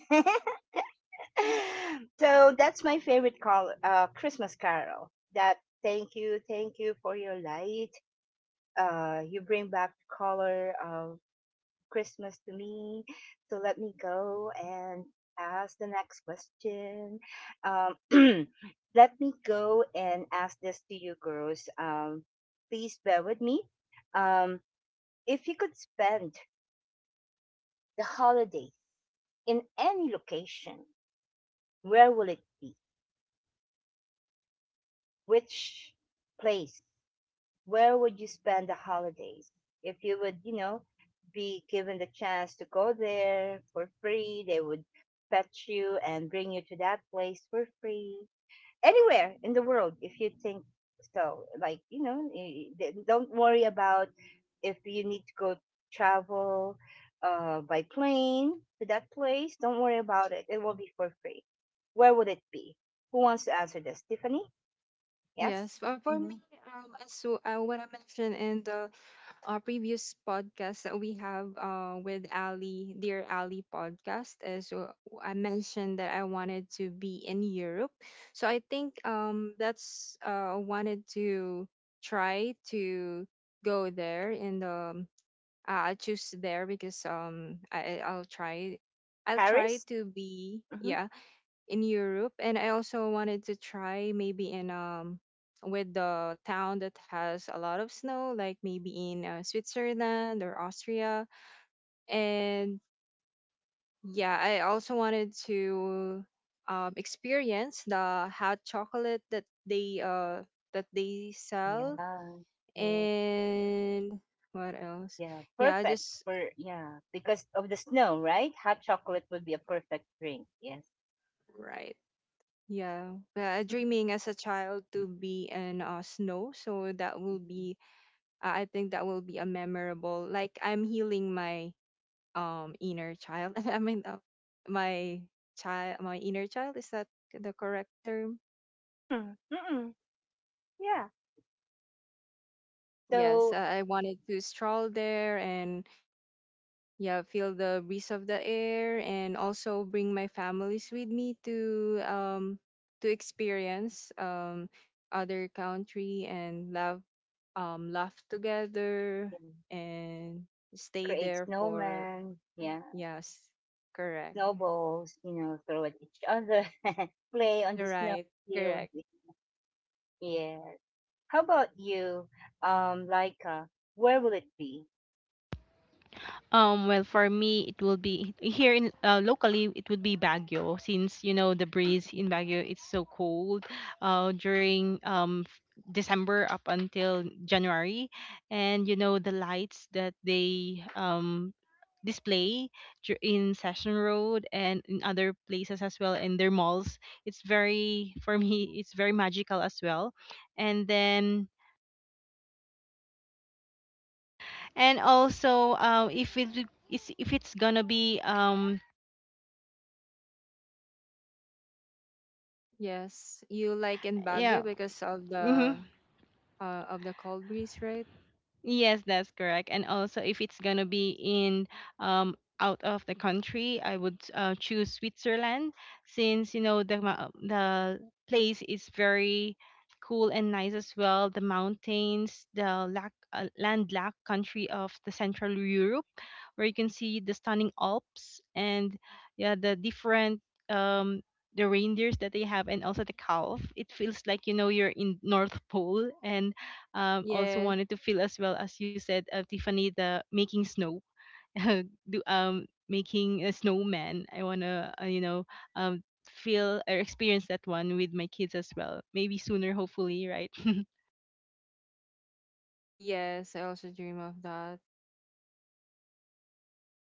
A: So that's my favorite Christmas carol. That thank you for your light. You bring back the color of Christmas to me. So let me go and ask the next question. Um, let me go and ask this to you girls. Please bear with me. Um, if you could spend the holidays in any location, where will it be? Which place, where would you spend the holidays if you would, you know, be given the chance to go there for free? They would fetch you and bring you to that place for free, anywhere in the world. If you think so, like, you know, don't worry about if you need to go travel by plane to that place. Don't worry about it, it will be for free. Where would it be? Who wants to answer this, Tiffany? Yes.
B: Yes. Well, for me,
A: Hmm.
B: as so what I mentioned in the previous podcast that we have with Ali, dear Ali podcast, is I mentioned that I wanted to be in Europe, so I think that's wanted to try to go there and I choose there because I- I'll try
A: Paris.
B: to be yeah in Europe, and I also wanted to try maybe in with the town that has a lot of snow, like maybe in Switzerland or Austria. And yeah, I also wanted to experience the hot chocolate that they
A: Yeah,
B: sell.
A: yeah,
B: And what else?
A: yeah.
B: Yeah, I
A: Perfect
B: just
A: for,
B: yeah,
A: yeah,
B: I just
A: because
B: wanted
A: of the
B: to
A: snow, right?
B: try.
A: Hot chocolate would be a perfect drink. Yes.
B: Right. Yeah, dreaming as a child to be in snow. So that will
A: Mhm.
B: be, I think that will be a memorable. Like, I'm healing my inner child. I mean, my my inner child. Is that the correct term?
A: Mm, mm-mm, yeah.
B: Yes,
A: So,
B: I wanted to stroll there and yeah, feel the breeze of the air and also bring my families with me to experience other country and love, laugh together
A: yeah,
B: and stay
A: create
B: there for,
A: snowmen, yeah,
B: yes, correct.
A: snowballs, you know, throw at each other, play on the
B: You're
A: snow
B: right,
A: field.
B: correct.
A: Yeah. How about you, Laika? Where will it be?
B: Yes, you like in Baguio because of the cold breeze, right? Yes, yes, I also dream of that.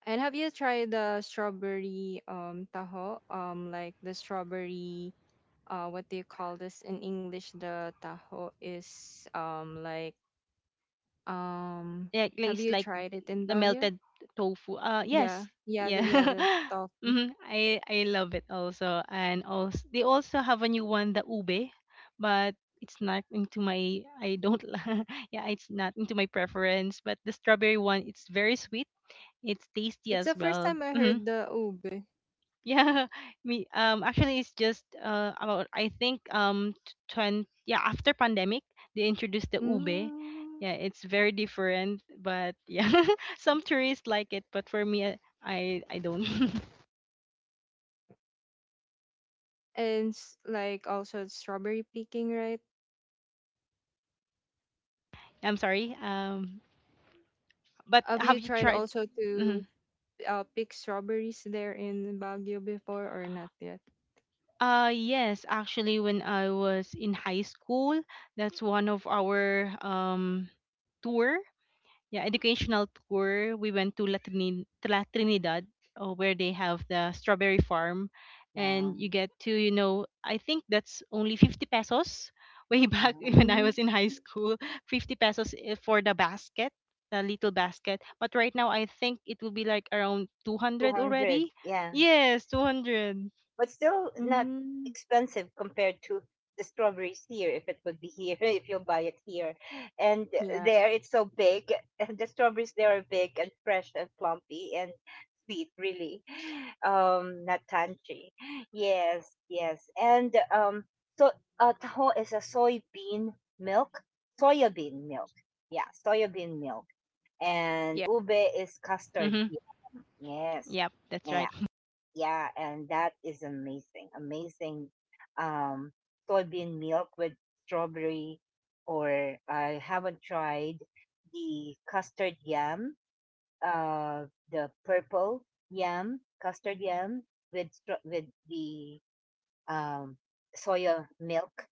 B: And have you tried the strawberry taho? Like the strawberry what do you call this in English? The taho is like um. Have you tried it in Baguio? Yeah, yeah, the tofu. It's the first time I heard the ube. Mm. And like also strawberry picking, right? Have you tried also to pick strawberries there in Baguio before or not yet?
A: Wow, wow.
B: Mm.
A: 200. Yeah, but still not
B: Mm-hmm.
A: expensive compared to the strawberries here. If it would be here, if you buy it here, and
B: Yeah.
A: there it's so big. The strawberries there are big and fresh and plumpy and sweet, really, not tangy, yes, yes. And um so uh, taho is a soybean milk, soya bean milk, yeah, soya bean milk. And
B: Yeah.
A: ube is custard yam. Yes. Yeah, yeah, and that is amazing. Amazing, um, soybean milk with strawberry. Or I haven't tried the custard yam, uh, the purple yam, custard yam with with the um, soya milk.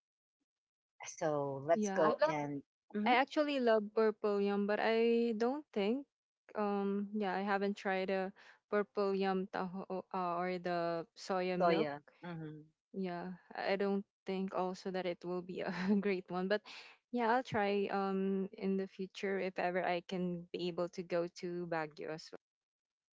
A: So let's
B: Yeah.
A: go and mhm,
B: I actually love purple yum, but I don't think yeah, I haven't tried a purple yum taho or the soya milk.
A: soya. Hmm.
B: Yeah, I don't think also that it will be a great one, but yeah, I'll try in the future if ever I can be able to go to Baguio as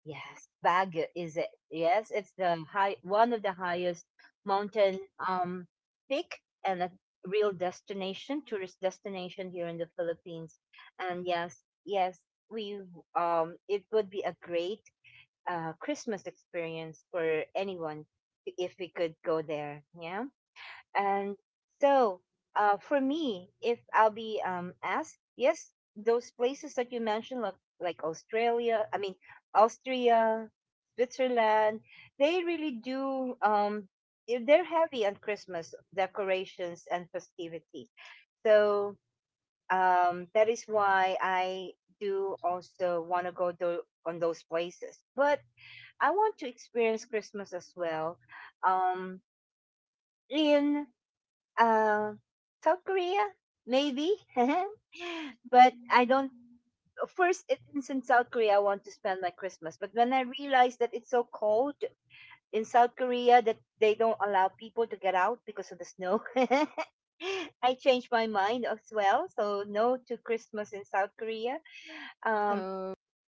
A: Yes, Baguio, is it? Yes, it's the high, one of the highest mountain um peak and a real destination, tourist destination here in the Philippines. And yes, yes, we, it would be a great Christmas experience for anyone if we could go there. Yeah. And so, for me, if I'll be asked, yes, those places that you mentioned, like Australia, I mean Austria, Switzerland, they really do. They're heavy on Christmas decorations and festivities. So, that is why I do also want to go to, on those places. But I want to experience Christmas as well. Um, in uh, South Korea, maybe, but I don't. First, it is in South Korea. I want to spend my Christmas, but when I realized that it's so cold in South Korea that they don't allow people to get out because of the snow, I changed my mind as well. So no to Christmas in South Korea. Um,
B: well.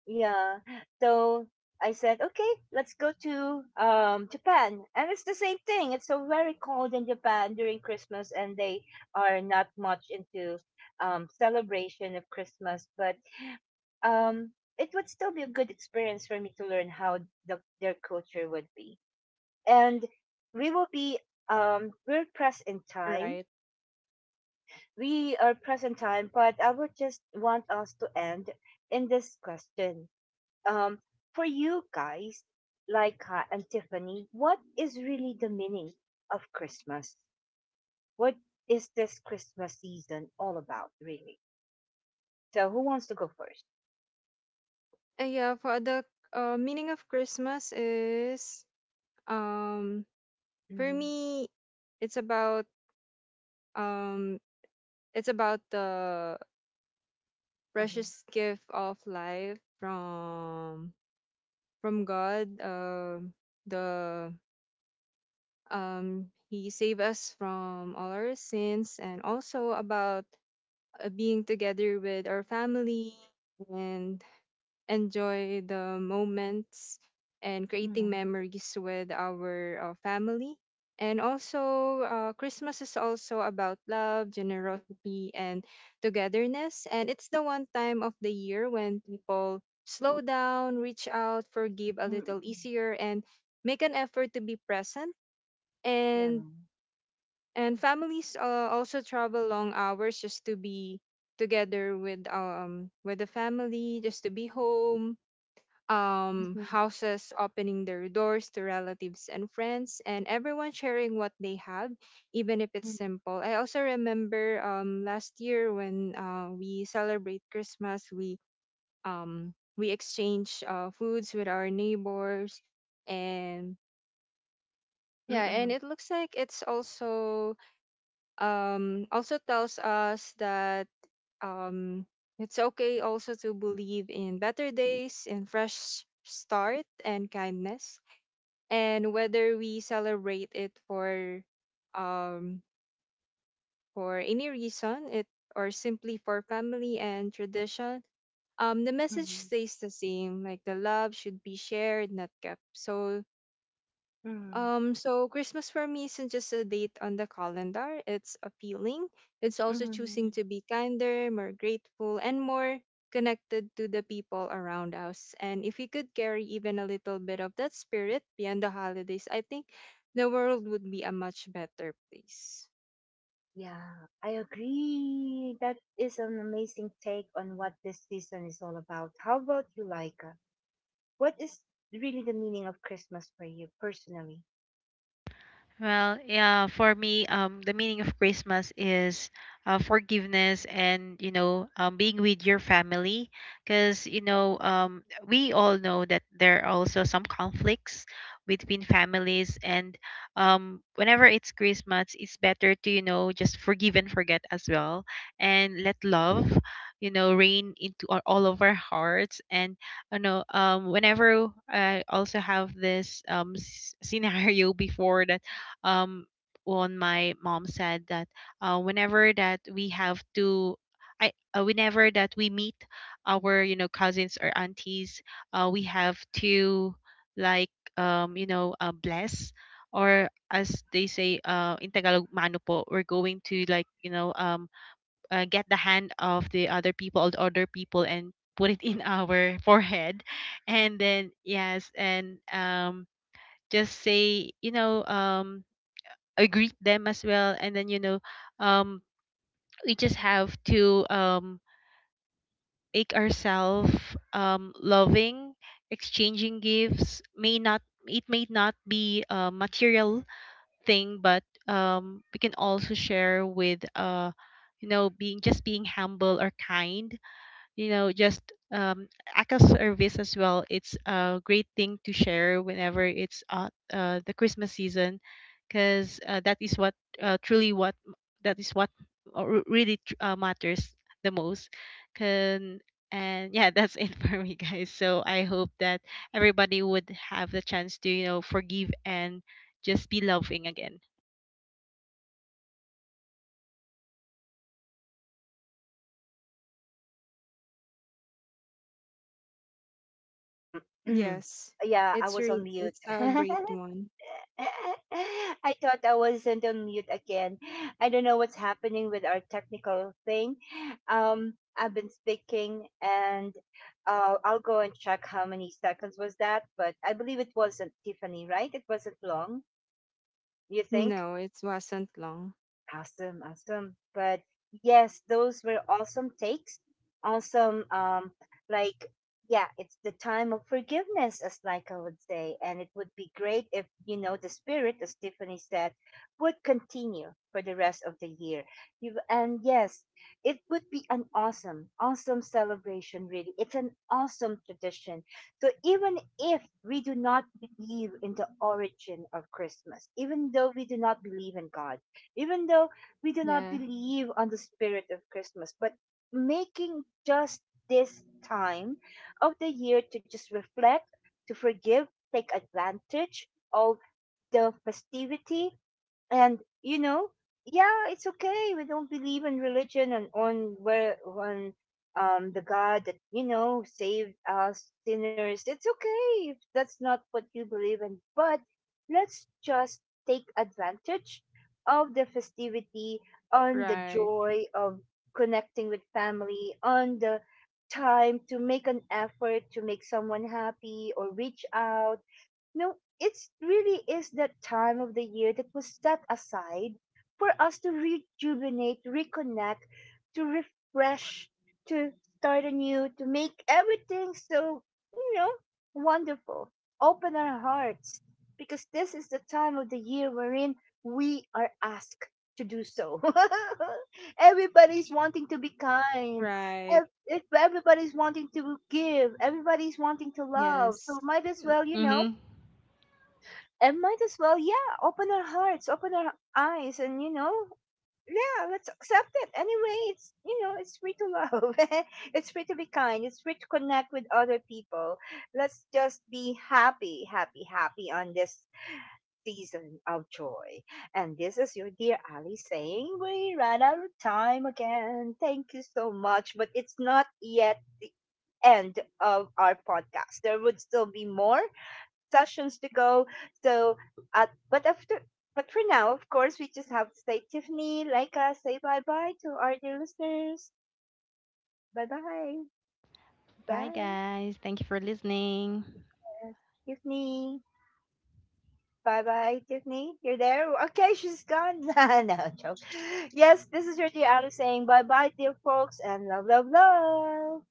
A: yeah. So I said, okay, let's go to Japan. And it's the same thing. It's so very cold in Japan during Christmas, and they are not much into celebration of Christmas. But um, it would still be a good experience for me to learn how the, their culture would be. And we will be, we're pressed in
B: Oh,
A: time.
B: right.
A: We are pressed in time, but I would just want us to end in this question, um, for you guys, Laika and Tiffany, what is really the meaning of Christmas? What is this Christmas season all about, really? So, who wants to go 1st?
B: Yeah, for the meaning of Christmas is um for
A: Mm-hmm.
B: me it's about um it's about the
A: Mm-hmm.
B: precious gift of life from God, the he saved us from all our sins and also about being together with our family and enjoy the moments and creating
A: Mm-hmm.
B: memories with our family. And also, Christmas is also about love, generosity, and togetherness. And it's the one time of the year when people slow down, reach out, forgive a little
A: Mm-hmm.
B: easier, and make an effort to be present
A: Yeah.
B: and families also travel long hours just to be together with the family just to be home,
A: Mm-hmm.
B: houses opening their doors to relatives and friends and everyone sharing what they have, even if it's simple. I also remember last year when we celebrate Christmas, we exchange foods with our neighbors, and yeah,
A: Mm-mm,
B: and it looks like it's also also tells us that um, it's okay also to believe in better days, in fresh start, and kindness. And whether we celebrate it um, for any reason, it or simply for family and tradition, the message
A: mm-mm,
B: stays the same. Like, the love should be shared, not kept. So
A: mm-mm,
B: so Christmas for me isn't just a date on the calendar, it's a feeling. It's also
A: mm-mm.
B: choosing to be kinder, more grateful, and more connected to the people around us. And if we could carry even a little bit of that spirit beyond the holidays, I think the world would be a much better place.
A: Yeah, I agree. That is an amazing take on what this season is all about. How about you, Laika? What is really the meaning of Christmas for you personally? Um,
B: Yes,
A: yeah, I was on mute.
B: it's a great
A: I
B: one.
A: thought I wasn't on mute again. I don't know what's happening with our technical thing. I've been speaking, and I'll go and check how many seconds was that. But I believe it wasn't Tiffany, right? It wasn't long. You think?
B: No, it wasn't long.
A: Awesome, awesome. But yes, those were awesome takes. Awesome, like, yeah, it's the time of forgiveness, as like I would say, and it would be great if you know the spirit, as Tiffany said, would continue for the rest of the year. You and yes, it would be an awesome, awesome celebration. Really, it's an awesome tradition. So even if we do not believe in the origin of Christmas, even though we do not believe in God, even though we do not
B: Yeah,
A: believe on the spirit of Christmas, but making just this time of the year to just reflect, to forgive, take advantage of the festivity, and you know, yeah, it's okay, we don't believe in religion and on where on the god that, you know, saved us sinners. It's okay if that's not what you believe in, but let's just take advantage of the festivity, on the
B: right,
A: joy of connecting with family, on the time to make an effort to make someone happy or reach out. No, it really is that time of the year that was set aside for us to rejuvenate, reconnect, to refresh, to start anew, to make everything so, you know, wonderful. Open our hearts, because this is the time of the year wherein we are asked to do so. Everybody's wanting to be kind.
B: right.
A: If everybody's wanting to give, everybody's wanting to love.
B: Yes.
A: So might as well, you know, and might as well, yeah, open our hearts, open our eyes, and you know, yeah, let's accept it. Anyway, it's, you know, it's free to love, it's free to be kind, it's free to connect with other people. Let's just be happy on this season of joy. And this is your dear Ali saying we ran out of time again. Thank you so much, but it's not yet the end of our podcast. There would still be more sessions to go. So, uh, but after, but for now, of course, we just have to say Tiffany, Leica, say bye bye to our dear listeners. Bye bye, bye, uh, Tiffany. Bye bye, Tiffany. You're there? Okay, she's gone. No, joke. Yes, this is your dear Ali saying bye bye, dear folks, and love, love, love.